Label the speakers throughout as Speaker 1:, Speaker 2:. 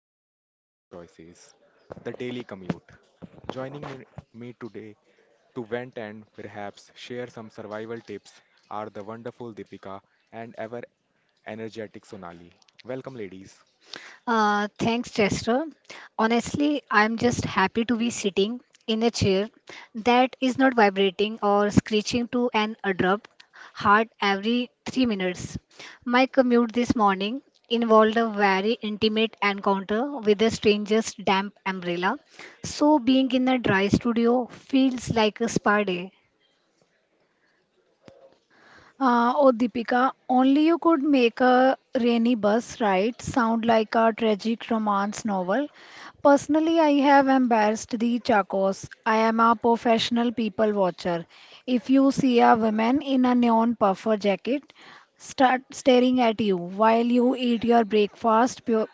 Speaker 1: questionable playlist choices, the daily commute. Joining me today to vent and perhaps share some survival tips are the wonderful Deepika and ever energetic Sonali. Welcome, ladies.
Speaker 2: Thanks, Chester. Honestly, I'm just happy to be sitting in a chair that is not vibrating or screeching to an abrupt halt every 3 minutes. My commute this morning involved a very intimate encounter with a stranger's damp umbrella, so being in a dry studio feels like a spa day.
Speaker 3: Oh, Deepika, only you could make a rainy bus ride sound like a tragic romance novel. Personally, I have embarrassed the Chacos. I am a professional people watcher. If you see a woman in a neon puffer jacket, start staring at you while you eat your breakfast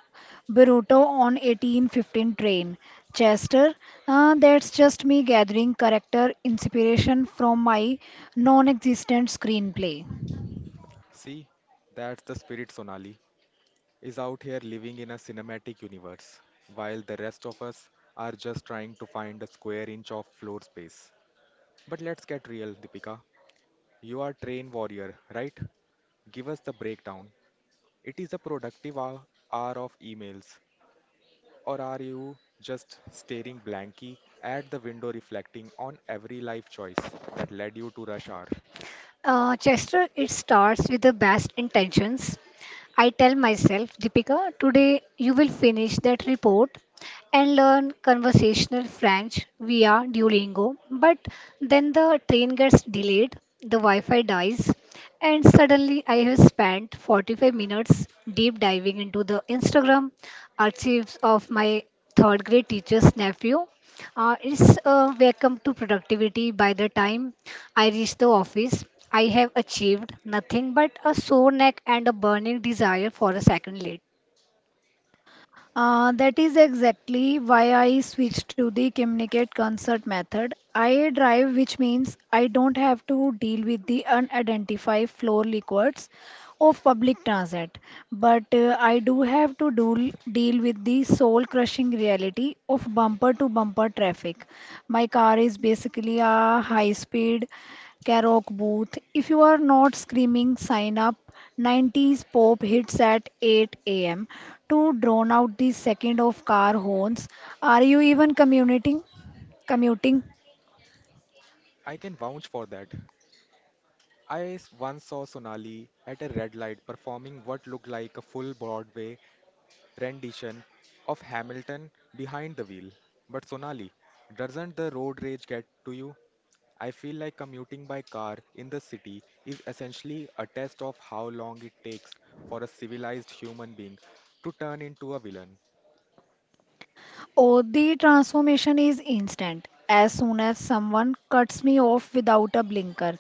Speaker 3: burrito on 1815 train. Chester, that's just me gathering character inspiration from my non-existent screenplay.
Speaker 1: See, that's the spirit. Sonali is out here living in a cinematic universe, while the rest of us are just trying to find a square inch of floor space. But let's get real, Deepika. You are train warrior, right? Give us the breakdown. It is a productive hour of emails, or are you just staring blankly at the window reflecting on every life choice that led you to rush hour?
Speaker 2: Chester, it starts with the best intentions. I tell myself, Deepika, today you will finish that report and learn conversational French via Duolingo. But then the train gets delayed, the Wi Fi dies, and suddenly I have spent 45 minutes deep diving into the Instagram archives of my third grade teacher's nephew. It's a welcome to productivity by the time I reached the office. I have achieved nothing but a sore neck and a burning desire for a second late.
Speaker 3: That is exactly why I switched to the communicate concert method. I drive, which means I don't have to deal with the unidentified floor liquids. Of public transit, but I do have to deal with the soul crushing reality of bumper to bumper traffic. My car is basically a high speed karaoke booth. If you are not screaming, sign up. 90s pop hits at 8 a.m. to drown out the second of car horns. Are you even commuting? Commuting?
Speaker 1: I can vouch for that. Once saw Sonali at a red light performing what looked like a full Broadway rendition of Hamilton behind the wheel. But Sonali, doesn't the road rage get to you? I feel like commuting by car in the city is essentially a test of how long it takes for a civilized human being to turn into a villain.
Speaker 3: Oh, the transformation is instant. As soon as someone cuts me off without a blinker,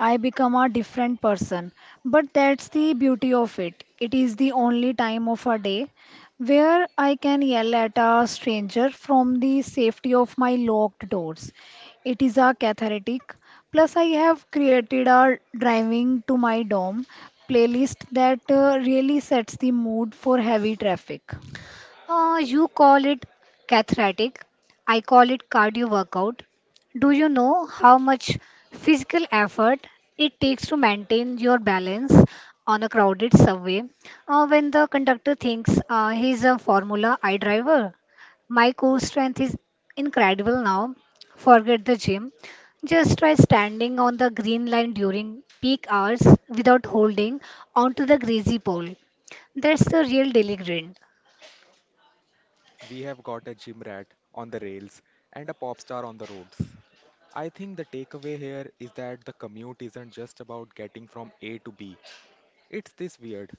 Speaker 3: I become a different person. But that's the beauty of it. It is the only time of a day where I can yell at a stranger from the safety of my locked doors. It is a cathartic. Plus, I have created a driving to my dorm playlist that really sets the mood for heavy traffic.
Speaker 2: You call it cathartic. I call it cardio workout. Do you know how much physical effort it takes to maintain your balance on a crowded subway? When the conductor thinks he's a Formula I driver, my core strength is incredible now. Forget the gym. Just try standing on the green line during peak hours without holding onto the greasy pole. That's the real daily grind.
Speaker 1: We have got a gym rat on the rails and a pop star on the roads. I think the takeaway here is that the commute isn't just about getting from A to B. It's this weird,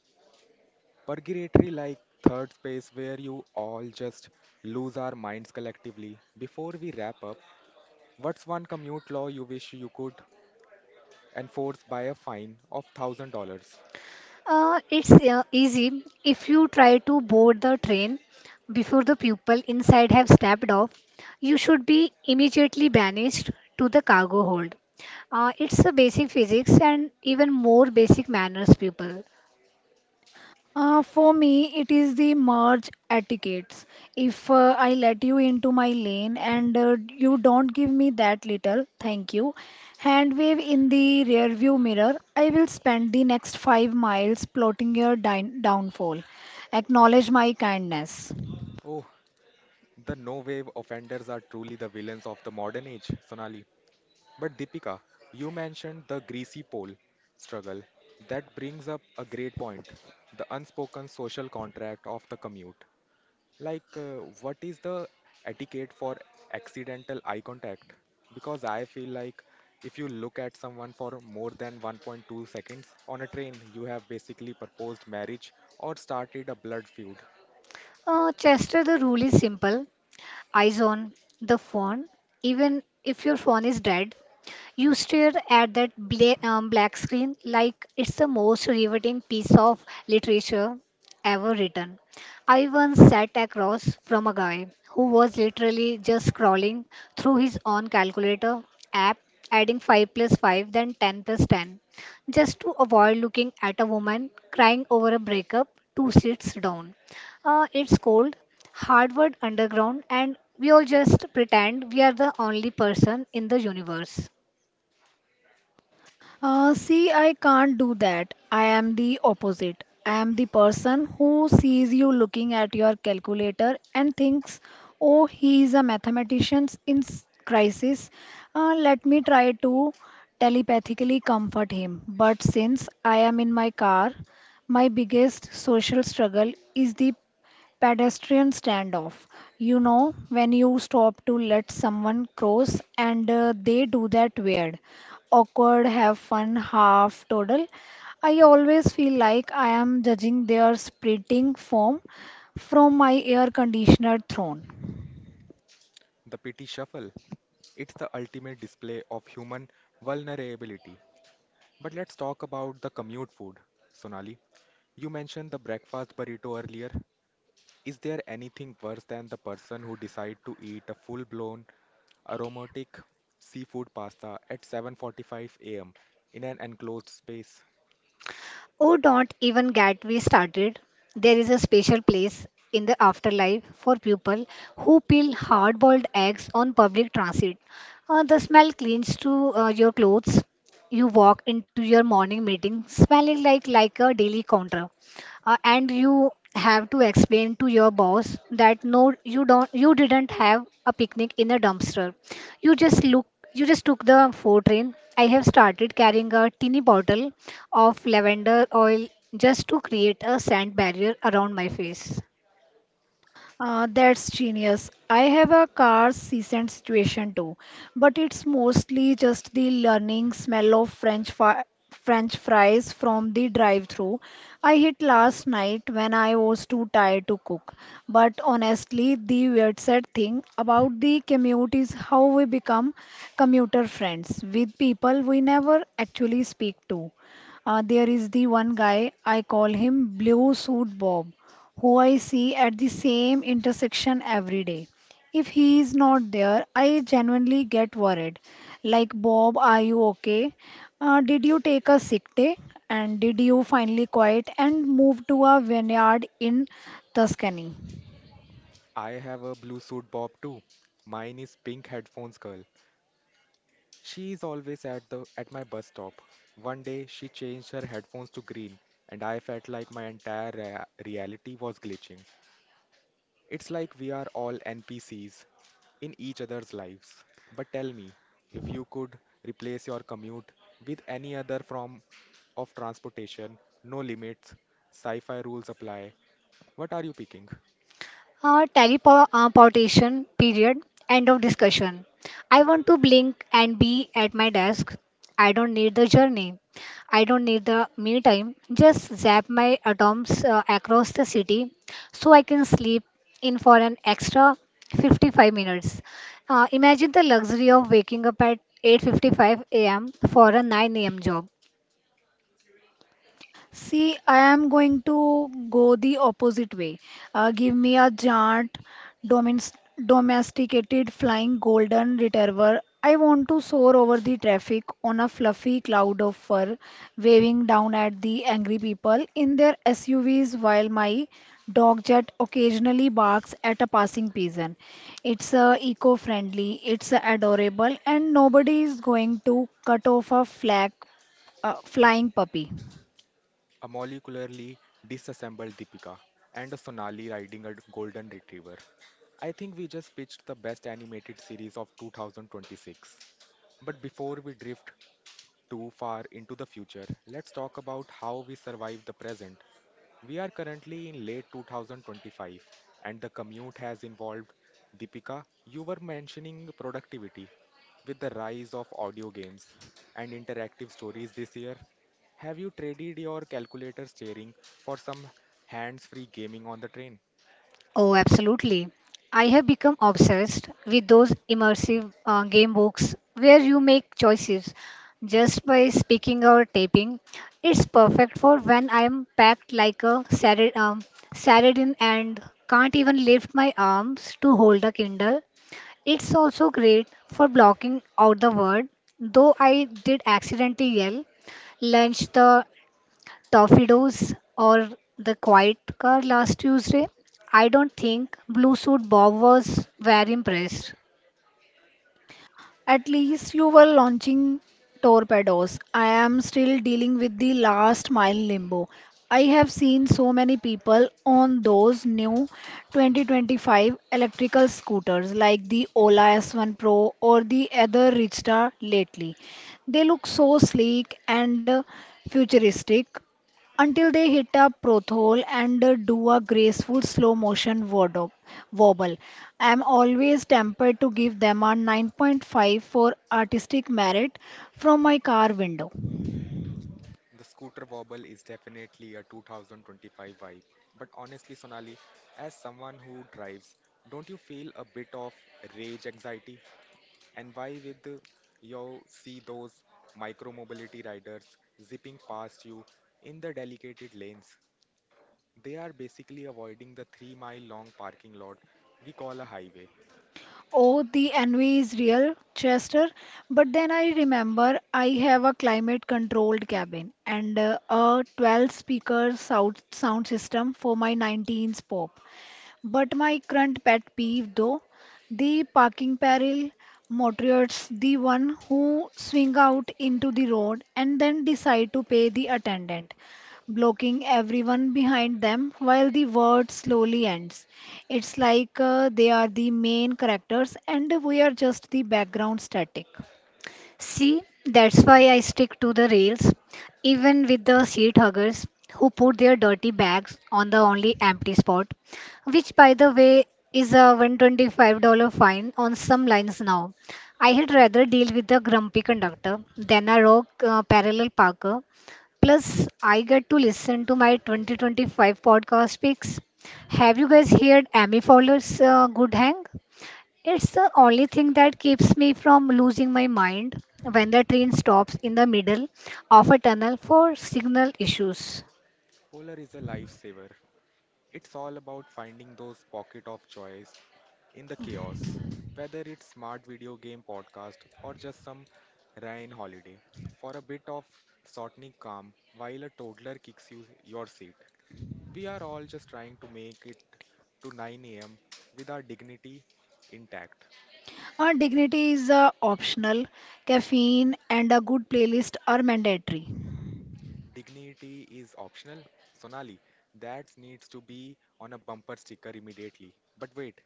Speaker 1: purgatory like third space where you all just lose our minds collectively. Before we wrap up, what's one commute law you wish you could enforce by a fine of $1,000?
Speaker 2: It's easy. If you try to board the train before the people inside have stepped off, you should be immediately banished to the cargo hold. It's a basic physics and even more basic manners, people.
Speaker 3: For me, it is the merge etiquettes. If I let you into my lane and you don't give me that little, thank you, hand wave in the rearview mirror, I will spend the next 5 miles plotting your downfall. Acknowledge my kindness.
Speaker 1: Oh, the no wave offenders are truly the villains of the modern age, Sonali. But Deepika, you mentioned the greasy pole struggle. That brings up a great point, the unspoken social contract of the commute. Like, what is the etiquette for accidental eye contact? Because I feel like if you look at someone for more than 1.2 seconds on a train, you have basically proposed marriage or started a blood feud.
Speaker 2: Chester, the rule is simple. Eyes on the phone. Even if your phone is dead, you stare at that black screen like it's the most riveting piece of literature ever written. I once sat across from a guy who was literally just scrolling through his own calculator app, adding 5 plus 5, then 10 plus 10, just to avoid looking at a woman crying over a breakup two seats down. It's cold, Harvard Underground, and we all just pretend we are the only person in the universe.
Speaker 3: See, I can't do that. I am the opposite. I am the person who sees you looking at your calculator and thinks, oh, he is a mathematician in crisis. Let me try to telepathically comfort him. But since I am in my car, my biggest social struggle is the pedestrian standoff. You know, when you stop to let someone cross and they do that weird, awkward, have fun, half total. I always feel like I am judging their sprinting form from my air conditioner throne.
Speaker 1: The pity shuffle, it's the ultimate display of human vulnerability. But let's talk about the commute food. Sonali, you mentioned the breakfast burrito earlier. Is there anything worse than the person who decide to eat a full-blown aromatic seafood pasta at 7:45 a.m. in an enclosed space?
Speaker 2: Oh, don't even get me started. There is a special place in the afterlife for people who peel hard boiled eggs on public transit. The smell clings to your clothes. You walk into your morning meeting smelling like a daily counter. And you have to explain to your boss that no, you didn't have a picnic in a dumpster. You just look you just took the four train. I have started carrying a tiny bottle of lavender oil just to create a sand barrier around my face.
Speaker 3: That's genius. I have a car season situation too, but it's mostly just the learning smell of French fries from the drive-through I hit last night when I was too tired to cook. But honestly, the weird sad thing about the commute is how we become commuter friends with people we never actually speak to. There is the one guy, I call him Blue Suit Bob who I see at the same intersection every day. If he is not there, I genuinely get worried. Like, Bob, are you okay? Did you take a sick day? And did you finally quiet and move to a vineyard in Tuscany?
Speaker 1: I have a blue suit bob too. Mine is pink headphones girl. She is always at my bus stop. One day she changed her headphones to green and I felt like my entire reality was glitching. It's like we are all NPCs in each other's lives. But tell me, if you could replace your commute with any other form of transportation, no limits, sci fi rules apply, what are you picking?
Speaker 2: Teleportation period, end of discussion. I want to blink and be at my desk. I don't need the journey. I don't need the me time. Just zap my atoms across the city so I can sleep in for an extra 55 minutes. Imagine the luxury of waking up at 8:55 a.m. for a 9 a.m. job.
Speaker 3: See, I am going to go the opposite way. Give me a giant, domins- domesticated flying golden retriever. I want to soar over the traffic on a fluffy cloud of fur, waving down at the angry people in their SUVs while my dog jet occasionally barks at a passing pigeon. It's eco-friendly, it's adorable, and nobody is going to cut off a flag, flying puppy.
Speaker 1: A molecularly disassembled Deepika and a Sonali riding a golden retriever. I think we just pitched the best animated series of 2026. But before we drift too far into the future, let's talk about how we survive the present. We are currently in late 2025 and the commute has evolved. Deepika, you were mentioning productivity with the rise of audio games and interactive stories this year. Have you traded your calculator steering for some hands free gaming on the train?
Speaker 2: Oh, absolutely. I have become obsessed with those immersive game books where you make choices just by speaking or tapping. It's perfect for when I am packed like a sardine and can't even lift my arms to hold a Kindle. It's also great for blocking out the word, though I did accidentally yell lunch the Torpedoes or the Quiet Car last Tuesday. I don't think Blue Suit Bob was very impressed.
Speaker 3: At least you were launching torpedoes. I am still dealing with the last mile limbo. I have seen so many people on those new 2025 electrical scooters like the Ola S1 Pro or the other Ridgestyle lately. They look so sleek and futuristic until they hit a prothole and do a graceful slow motion wobble. I am always tempted to give them a 9.5 for artistic merit from my car window.
Speaker 1: The scooter wobble is definitely a 2025 vibe. But honestly, Sonali, as someone who drives, don't you feel a bit of rage anxiety? And why with the- You see those micromobility riders zipping past you in the dedicated lanes? They are basically avoiding the three-mile-long parking lot we call a highway.
Speaker 3: Oh, the envy is real, Chester, but then I remember I have a climate controlled cabin and a 12 speaker sound system for my 19s pop. But my current pet peeve, though, the parking peril motorists, the one who swing out into the road and then decide to pay the attendant, blocking everyone behind them while the word slowly ends. It's like they are the main characters and we are just the background static.
Speaker 2: See, that's why I stick to the rails, even with the seat huggers who put their dirty bags on the only empty spot, which, by the way, is a $125 fine on some lines now. I had rather deal with a grumpy conductor than a rogue parallel parker. Plus, I get to listen to my 2025 podcast picks. Have you guys heard Amy Fowler's Good Hang? It's the only thing that keeps me from losing my mind when the train stops in the middle of a tunnel for signal issues.
Speaker 1: Polar is a lifesaver. It's all about finding those pocket of joys in the chaos, whether it's smart video game podcast or just some rain holiday, for a bit of shortening calm while a toddler kicks you your seat. We are all just trying to make it to 9 a.m. with our dignity intact.
Speaker 3: Our dignity is optional, caffeine and a good playlist are mandatory.
Speaker 1: Dignity is optional. Sonali, that needs to be on a bumper sticker immediately. But wait,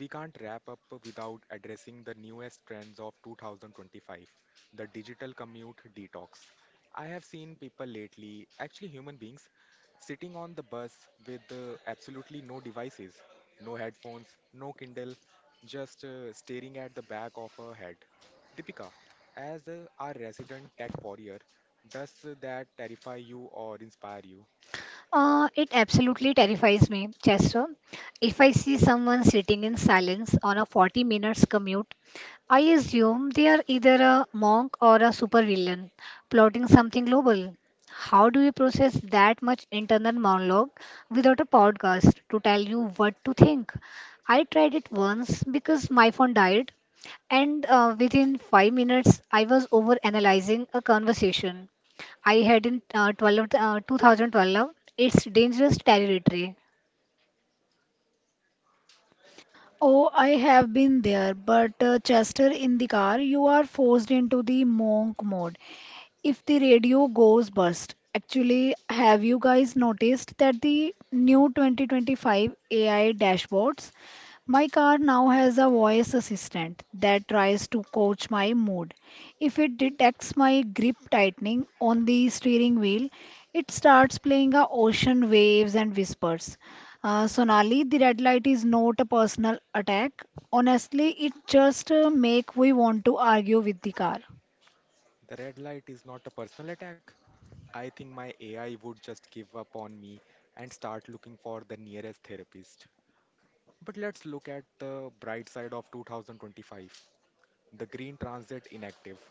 Speaker 1: we can't wrap up without addressing the newest trends of 2025, the digital commute detox. I have seen people lately, actually human beings, sitting on the bus with absolutely no devices, no headphones, no Kindle, just staring at the back of her head. Deepika, as our resident tech warrior, does that terrify you or inspire you?
Speaker 2: It absolutely terrifies me, Chester. If I see someone sitting in silence on a 40 minutes commute, I assume they are either a monk or a supervillain plotting something global. How do you process that much internal monologue without a podcast to tell you what to think? I tried it once because my phone died, and within 5 minutes, I was over analyzing a conversation I had in 2012. It's dangerous territory.
Speaker 3: Oh, I have been there, but Chester in the car, you are forced into the monk mode if the radio goes bust. Actually, have you guys noticed that the new 2025 AI dashboards? My car now has a voice assistant that tries to coach my mood. If it detects my grip tightening on the steering wheel, it starts playing a ocean waves and whispers. Sonali, the red light is not a personal attack. Honestly, it just make we want to argue with the car.
Speaker 1: The red light is not a personal attack. I think my AI would just give up on me and start looking for the nearest therapist. But let's look at the bright side of 2025. The green transit inactive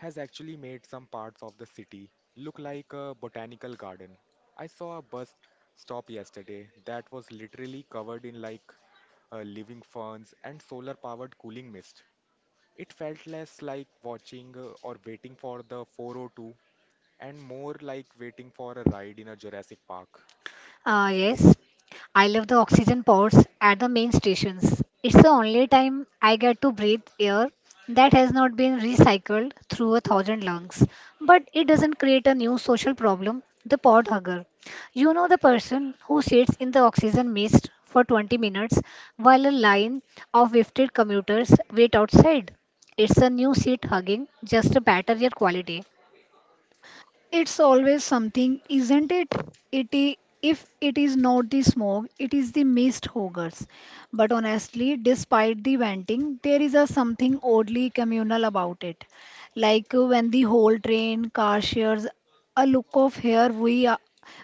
Speaker 1: has actually made some parts of the city look like a botanical garden. I saw a bus stop yesterday that was literally covered in like living ferns and solar powered cooling mist. It felt less like watching or waiting for the 402 and more like waiting for a ride in a Jurassic Park.
Speaker 2: Yes, I love the oxygen pods at the main stations. It's the only time I get to breathe air that has not been recycled through a thousand lungs. But it doesn't create a new social problem, the pod hugger. You know the person who sits in the oxygen mist for 20 minutes while a line of lifted commuters wait outside. It's a new seat hugging, just a better air quality.
Speaker 3: It's always something, isn't it? It i- if it is not the smoke, it is the mist hoggers. But honestly, despite the venting, there is a something oddly communal about it. Like when the whole train car shares a look of here we are,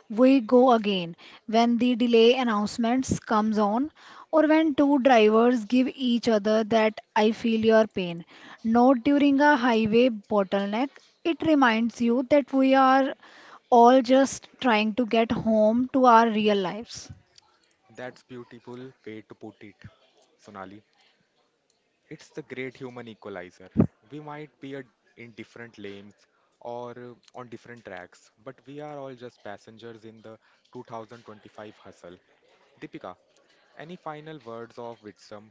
Speaker 3: we go again. When the delay announcements comes on, or when two drivers give each other that I feel your pain. Not during a highway bottleneck. It reminds you that we are all just trying to get home to our real lives.
Speaker 1: That's beautiful way to put it, Sonali. It's the great human equalizer. We might be a, In different lanes or on different tracks, but we are all just passengers in the 2025 hustle. Deepika, any final words of wisdom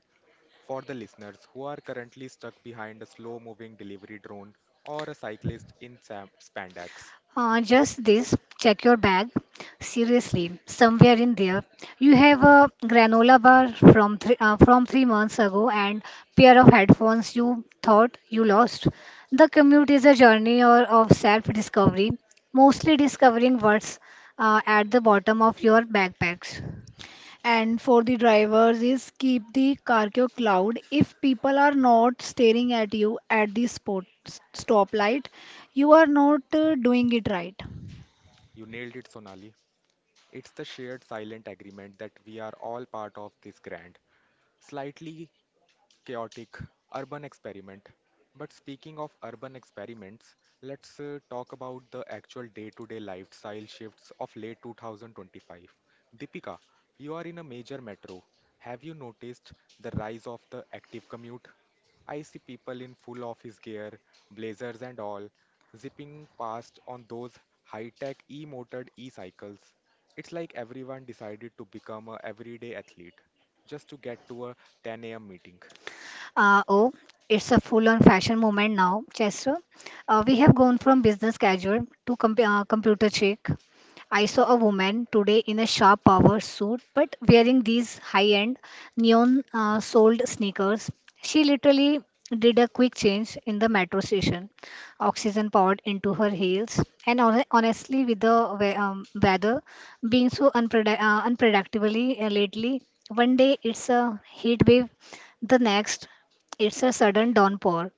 Speaker 1: for the listeners who are currently stuck behind a slow moving delivery drone or a cyclist in spandex?
Speaker 2: Just this, check your bag. Seriously, somewhere in there, you have a granola bar from 3 months ago and pair of headphones you thought you lost. The commute is a journey or of self-discovery, mostly discovering what's at the bottom of your backpacks.
Speaker 3: And for the drivers is keep the cargo cloud. If people are not staring at you at the spot stoplight, you are not doing it right.
Speaker 1: You nailed it, Sonali. It's the shared silent agreement that we are all part of this grand, slightly chaotic urban experiment. But speaking of urban experiments, let's talk about the actual day to day lifestyle shifts of late 2025. Deepika, you are in a major metro. Have you noticed the rise of the active commute? I see people in full office gear, blazers and all, zipping past on those high tech e motored e cycles. It's like everyone decided to become a everyday athlete just to get to a 10 a.m. meeting.
Speaker 2: Oh, it's a full-on fashion moment now, Chester. We have gone from business casual to computer chic. I saw a woman today in a sharp power suit, but wearing these high-end neon soled sneakers. She literally did a quick change in the metro station, oxygen poured into her heels, and honestly, with the weather being so unpredictably lately, one day it's a heat wave, the next it's a sudden downpour.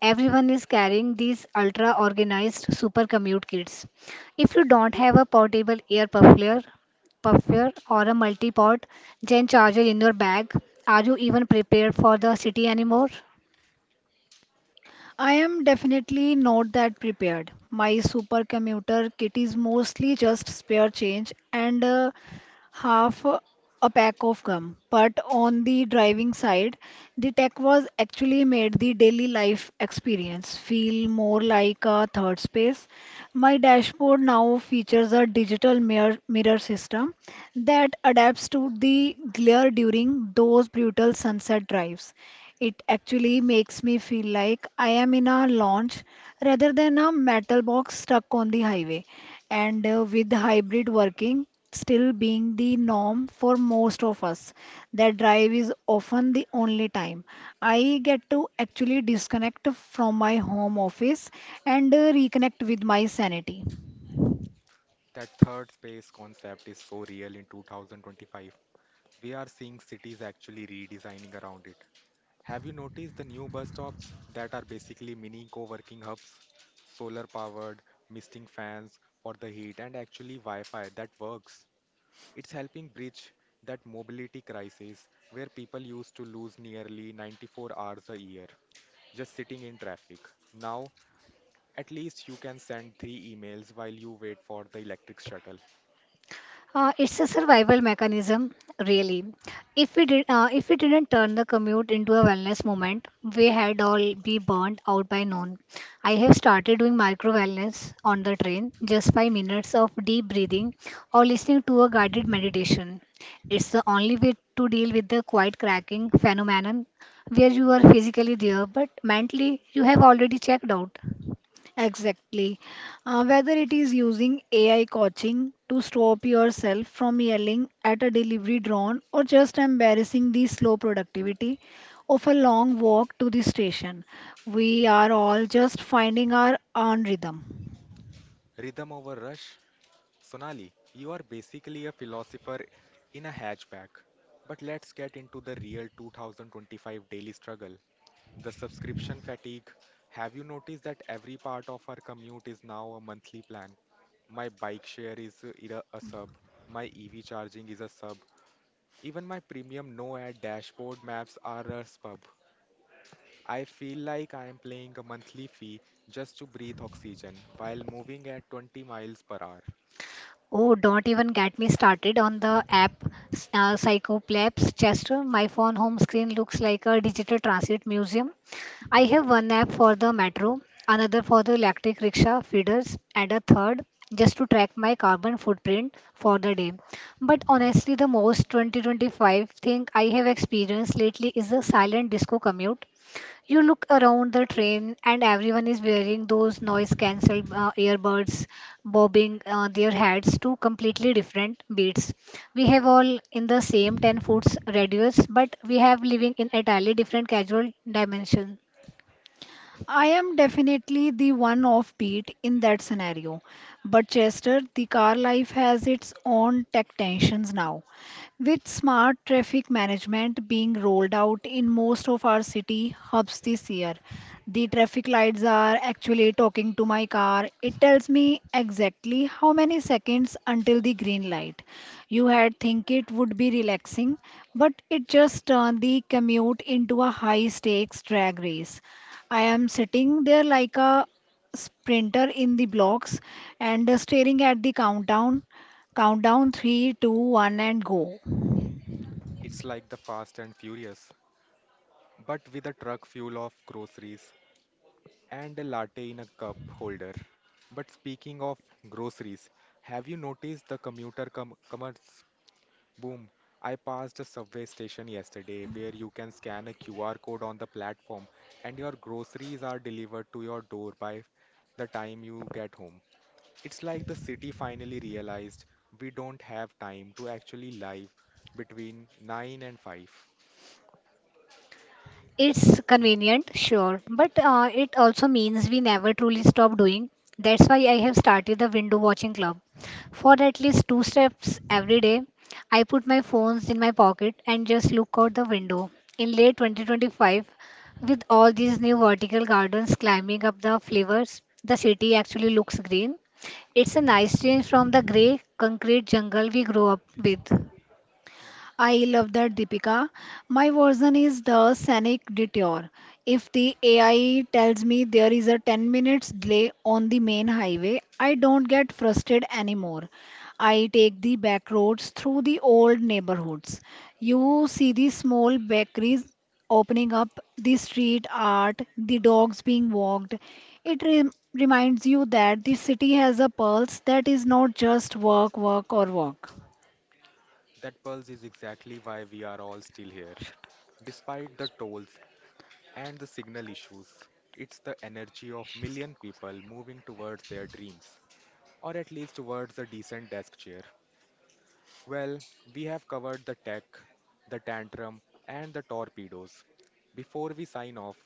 Speaker 2: Everyone is carrying these ultra organized super commute kits. If you don't have a portable ear muffler, puffer or a multi-port gen charger in your bag, are you even prepared for the city anymore?
Speaker 3: I am definitely not that prepared. My supercommuter kit is mostly just spare change and half a pack of gum. But on the driving side, the tech was actually made the daily life experience feel more like a third space. My dashboard now features a digital mirror system that adapts to the glare during those brutal sunset drives. It actually makes me feel like I am in a launch rather than a metal box stuck on the highway. And with hybrid working, still being the norm for most of us. That drive is often the only time I get to actually disconnect from my home office and reconnect with my sanity.
Speaker 1: That third space concept is so real in 2025. We are seeing cities actually redesigning around it. Have you noticed the new bus stops that are basically mini co working hubs? Solar powered, misting fans for the heat, and actually Wi Fi that works. It's helping bridge that mobility crisis where people used to lose nearly 94 hours a year just sitting in traffic. Now, at least you can send three emails while you wait for the electric shuttle.
Speaker 2: It's a survival mechanism, really. If we didn't turn the commute into a wellness moment, we had all be burnt out by noon. I have started doing micro wellness on the train, just 5 minutes of deep breathing or listening to a guided meditation. It's the only way to deal with the quiet cracking phenomenon, where you are physically there but mentally you have already checked out.
Speaker 3: Exactly. Whether it is using AI coaching to stop yourself from yelling at a delivery drone or just embarrassing the slow productivity of a long walk to the station, we are all just finding our own rhythm.
Speaker 1: Rhythm over rush. Sonali, you are basically a philosopher in a hatchback. But let's get into the real 2025 daily struggle, the subscription fatigue. Have you noticed that every part of our commute is now a monthly plan? My bike share is a sub, my EV charging is a sub, even my premium no ad dashboard maps are a sub. I feel like I am paying a monthly fee just to breathe oxygen while moving at 20 miles per hour.
Speaker 2: Oh, don't even get me started on the Psychoplaps Chester. My phone home screen looks like a digital transit museum. I have one app for the metro, another for the electric rickshaw feeders, and a third just to track my carbon footprint for the day. But honestly, the most 2025 thing I have experienced lately is the silent disco commute. You look around the train, and everyone is wearing those noise cancelled earbuds, bobbing their heads to completely different beats. We have all in the same 10-foot radius, but we have living in entirely different casual dimension.
Speaker 3: I am definitely the one offbeat in that scenario. But Chester, the car life has its own tech tensions now. With smart traffic management being rolled out in most of our city hubs this year, the traffic lights are actually talking to my car. It tells me exactly how many seconds until the green light. You had think it would be relaxing, but it just turned the commute into a high stakes drag race. I am sitting there like a sprinter in the blocks and staring at the countdown three, two, one, and go.
Speaker 1: It's like the Fast and Furious, but with a truck full of groceries and a latte in a cup holder. But speaking of groceries, have you noticed the commerce boom? I passed a subway station yesterday where you can scan a QR code on the platform and your groceries are delivered to your door by the time you get home. It's like the city finally realized we don't have time to actually live between 9 and 5.
Speaker 2: It's convenient, sure, but it also means we never truly stop doing. That's why I have started the window watching club. For at least two steps every day, I put my phones in my pocket and just look out the window. In late 2025, with all these new vertical gardens climbing up the flavors, the city actually looks green. It's a nice change from the grey concrete jungle we grew up with.
Speaker 3: I love that, Deepika. My version is the scenic detour. If the AI tells me there is a 10 minutes delay on the main highway, I don't get frustrated anymore. I take the back roads through the old neighborhoods. You see the small bakeries opening up, the street art, the dogs being walked. It reminds you that the city has a pulse that is not just work, or walk.
Speaker 1: That pulse is exactly why we are all still here. Despite the tolls and the signal issues, it's the energy of million people moving towards their dreams, or at least towards a decent desk chair. Well, we have covered the tech, the tantrum, and the torpedoes. Before we sign off,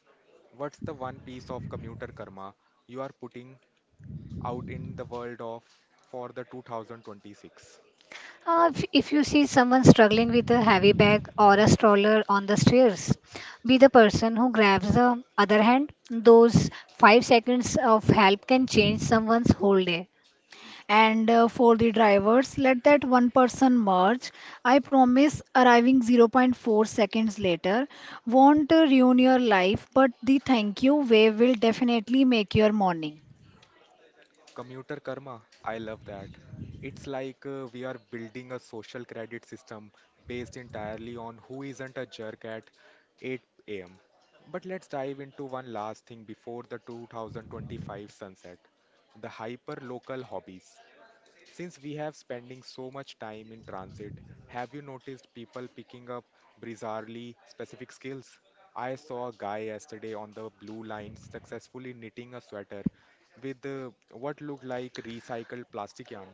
Speaker 1: what's the one piece of commuter karma you are putting out in the world of for the 2026?
Speaker 2: If you see someone struggling with a heavy bag or a stroller on the stairs, be the person who grabs the other hand. Those 5 seconds of help can change someone's whole day.
Speaker 3: And for the drivers, let that one person merge. I promise arriving zero point 0.4 seconds later won't ruin your life, but the thank you wave will definitely make your morning.
Speaker 1: Commuter karma, I love that. It's like we are building a social credit system based entirely on who isn't a jerk at 8 am. But let's dive into one last thing before the 2025 sunset, the hyper local hobbies. Since we have spending so much time in transit, have you noticed people picking up bizarrely specific skills? I saw a guy yesterday on the blue line successfully knitting a sweater with what looked like recycled plastic yarn.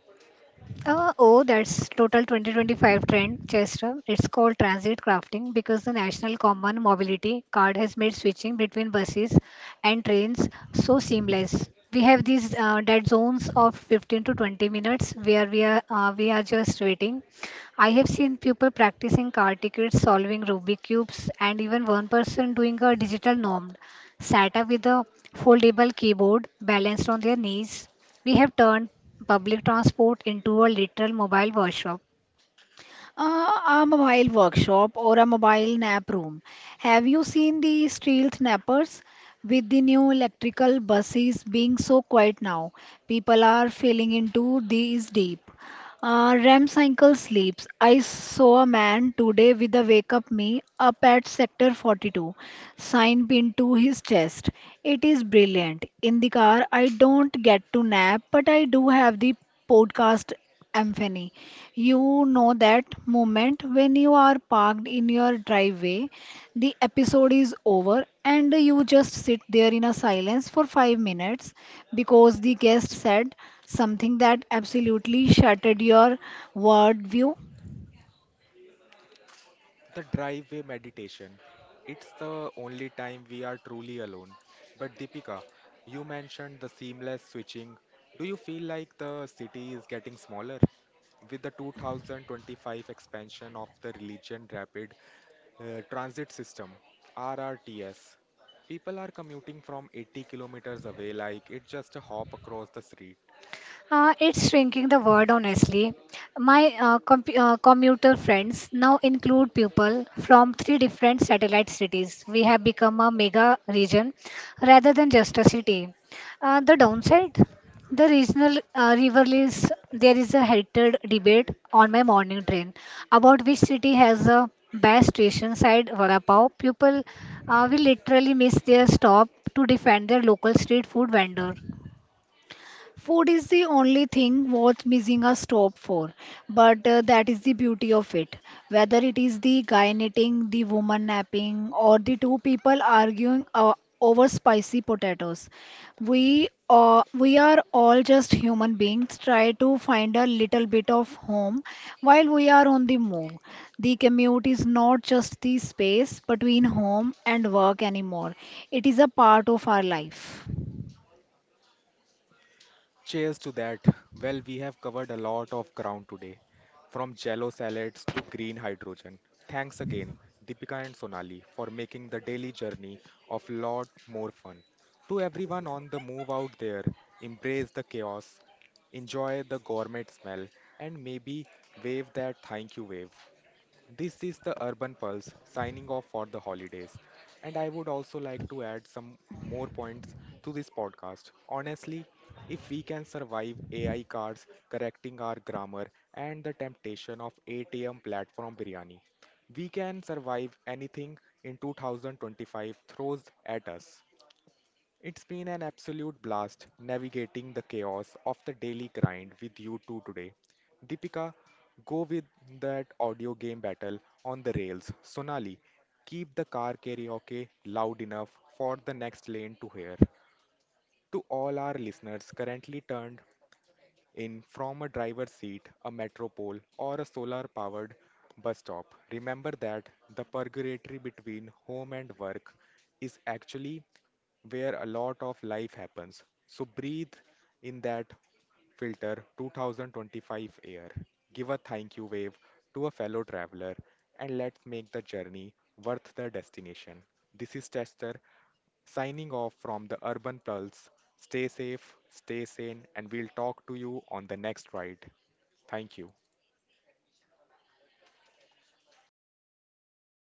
Speaker 2: Oh, that's total 2025 trend, Chester. It's called transit crafting because the National Common Mobility Card has made switching between buses and trains so seamless. We have these dead zones of 15 to 20 minutes where we are just waiting. I have seen people practicing car tickets, solving Rubik cubes, and even one person doing a digital norm, sat up with a foldable keyboard balanced on their knees. We have turned public transport into a literal mobile workshop.
Speaker 3: A mobile workshop or a mobile nap room. Have you seen the stealth nappers? With the new electrical buses being so quiet now, people are falling into these deep. REM cycle sleeps. I saw a man today with a wake up me up at sector 42, sign pinned to his chest. It is brilliant. In the car, I don't get to nap, but I do have the podcast Amphany. You know that moment when you are parked in your driveway, the episode is over, and you just sit there in a silence for 5 minutes because the guest said something that absolutely shattered your worldview.
Speaker 1: The driveway meditation. It's the only time we are truly alone. But Deepika, you mentioned the seamless switching. Do you feel like the city is getting smaller? With the 2025 expansion of the Religion Rapid Transit System (RRTS), people are commuting from 80 kilometers away like it's just a hop across the street.
Speaker 2: It's shrinking the word honestly. My compu commuter friends now include people from three different satellite cities. We have become a mega region rather than just a city. The downside, the regional rivalries. There is a heated debate on my morning train about which city has the best station side vada pav. People will literally miss their stop to defend their local street food vendor.
Speaker 3: Food is the only thing worth missing a stop for, but that is the beauty of it. Whether it is the guy knitting, the woman napping, or the two people arguing over spicy potatoes, we are all just human beings try to find a little bit of home while we are on the move. The commute is not just the space between home and work anymore. It is a part of our life.
Speaker 1: Cheers to that. Well, we have covered a lot of ground today, from jello salads to green hydrogen. Thanks again, Deepika and Sonali, for making the daily journey of lot more fun. To everyone on the move out there, embrace the chaos, enjoy the gourmet smell, and maybe wave that thank you wave. This is the Urban Pulse signing off for the holidays. And I would also like to add some more points to this podcast. Honestly, if we can survive AI cars correcting our grammar and the temptation of ATM platform biryani, we can survive anything in 2025 throws at us. It's been an absolute blast navigating the chaos of the daily grind with you two today. Deepika, go with that audio game battle on the rails. Sonali, keep the car karaoke loud enough for the next lane to hear. To all our listeners currently turned in from a driver's seat, a metropole, or a solar powered bus stop. Remember that the purgatory between home and work is actually where a lot of life happens. So breathe in that filter 2025 air. Give a thank you wave to a fellow traveler and let's make the journey worth the destination. This is Tester Signing off from the Urban Pulse. Stay safe, stay sane, and we'll talk to you on the next ride. Thank you.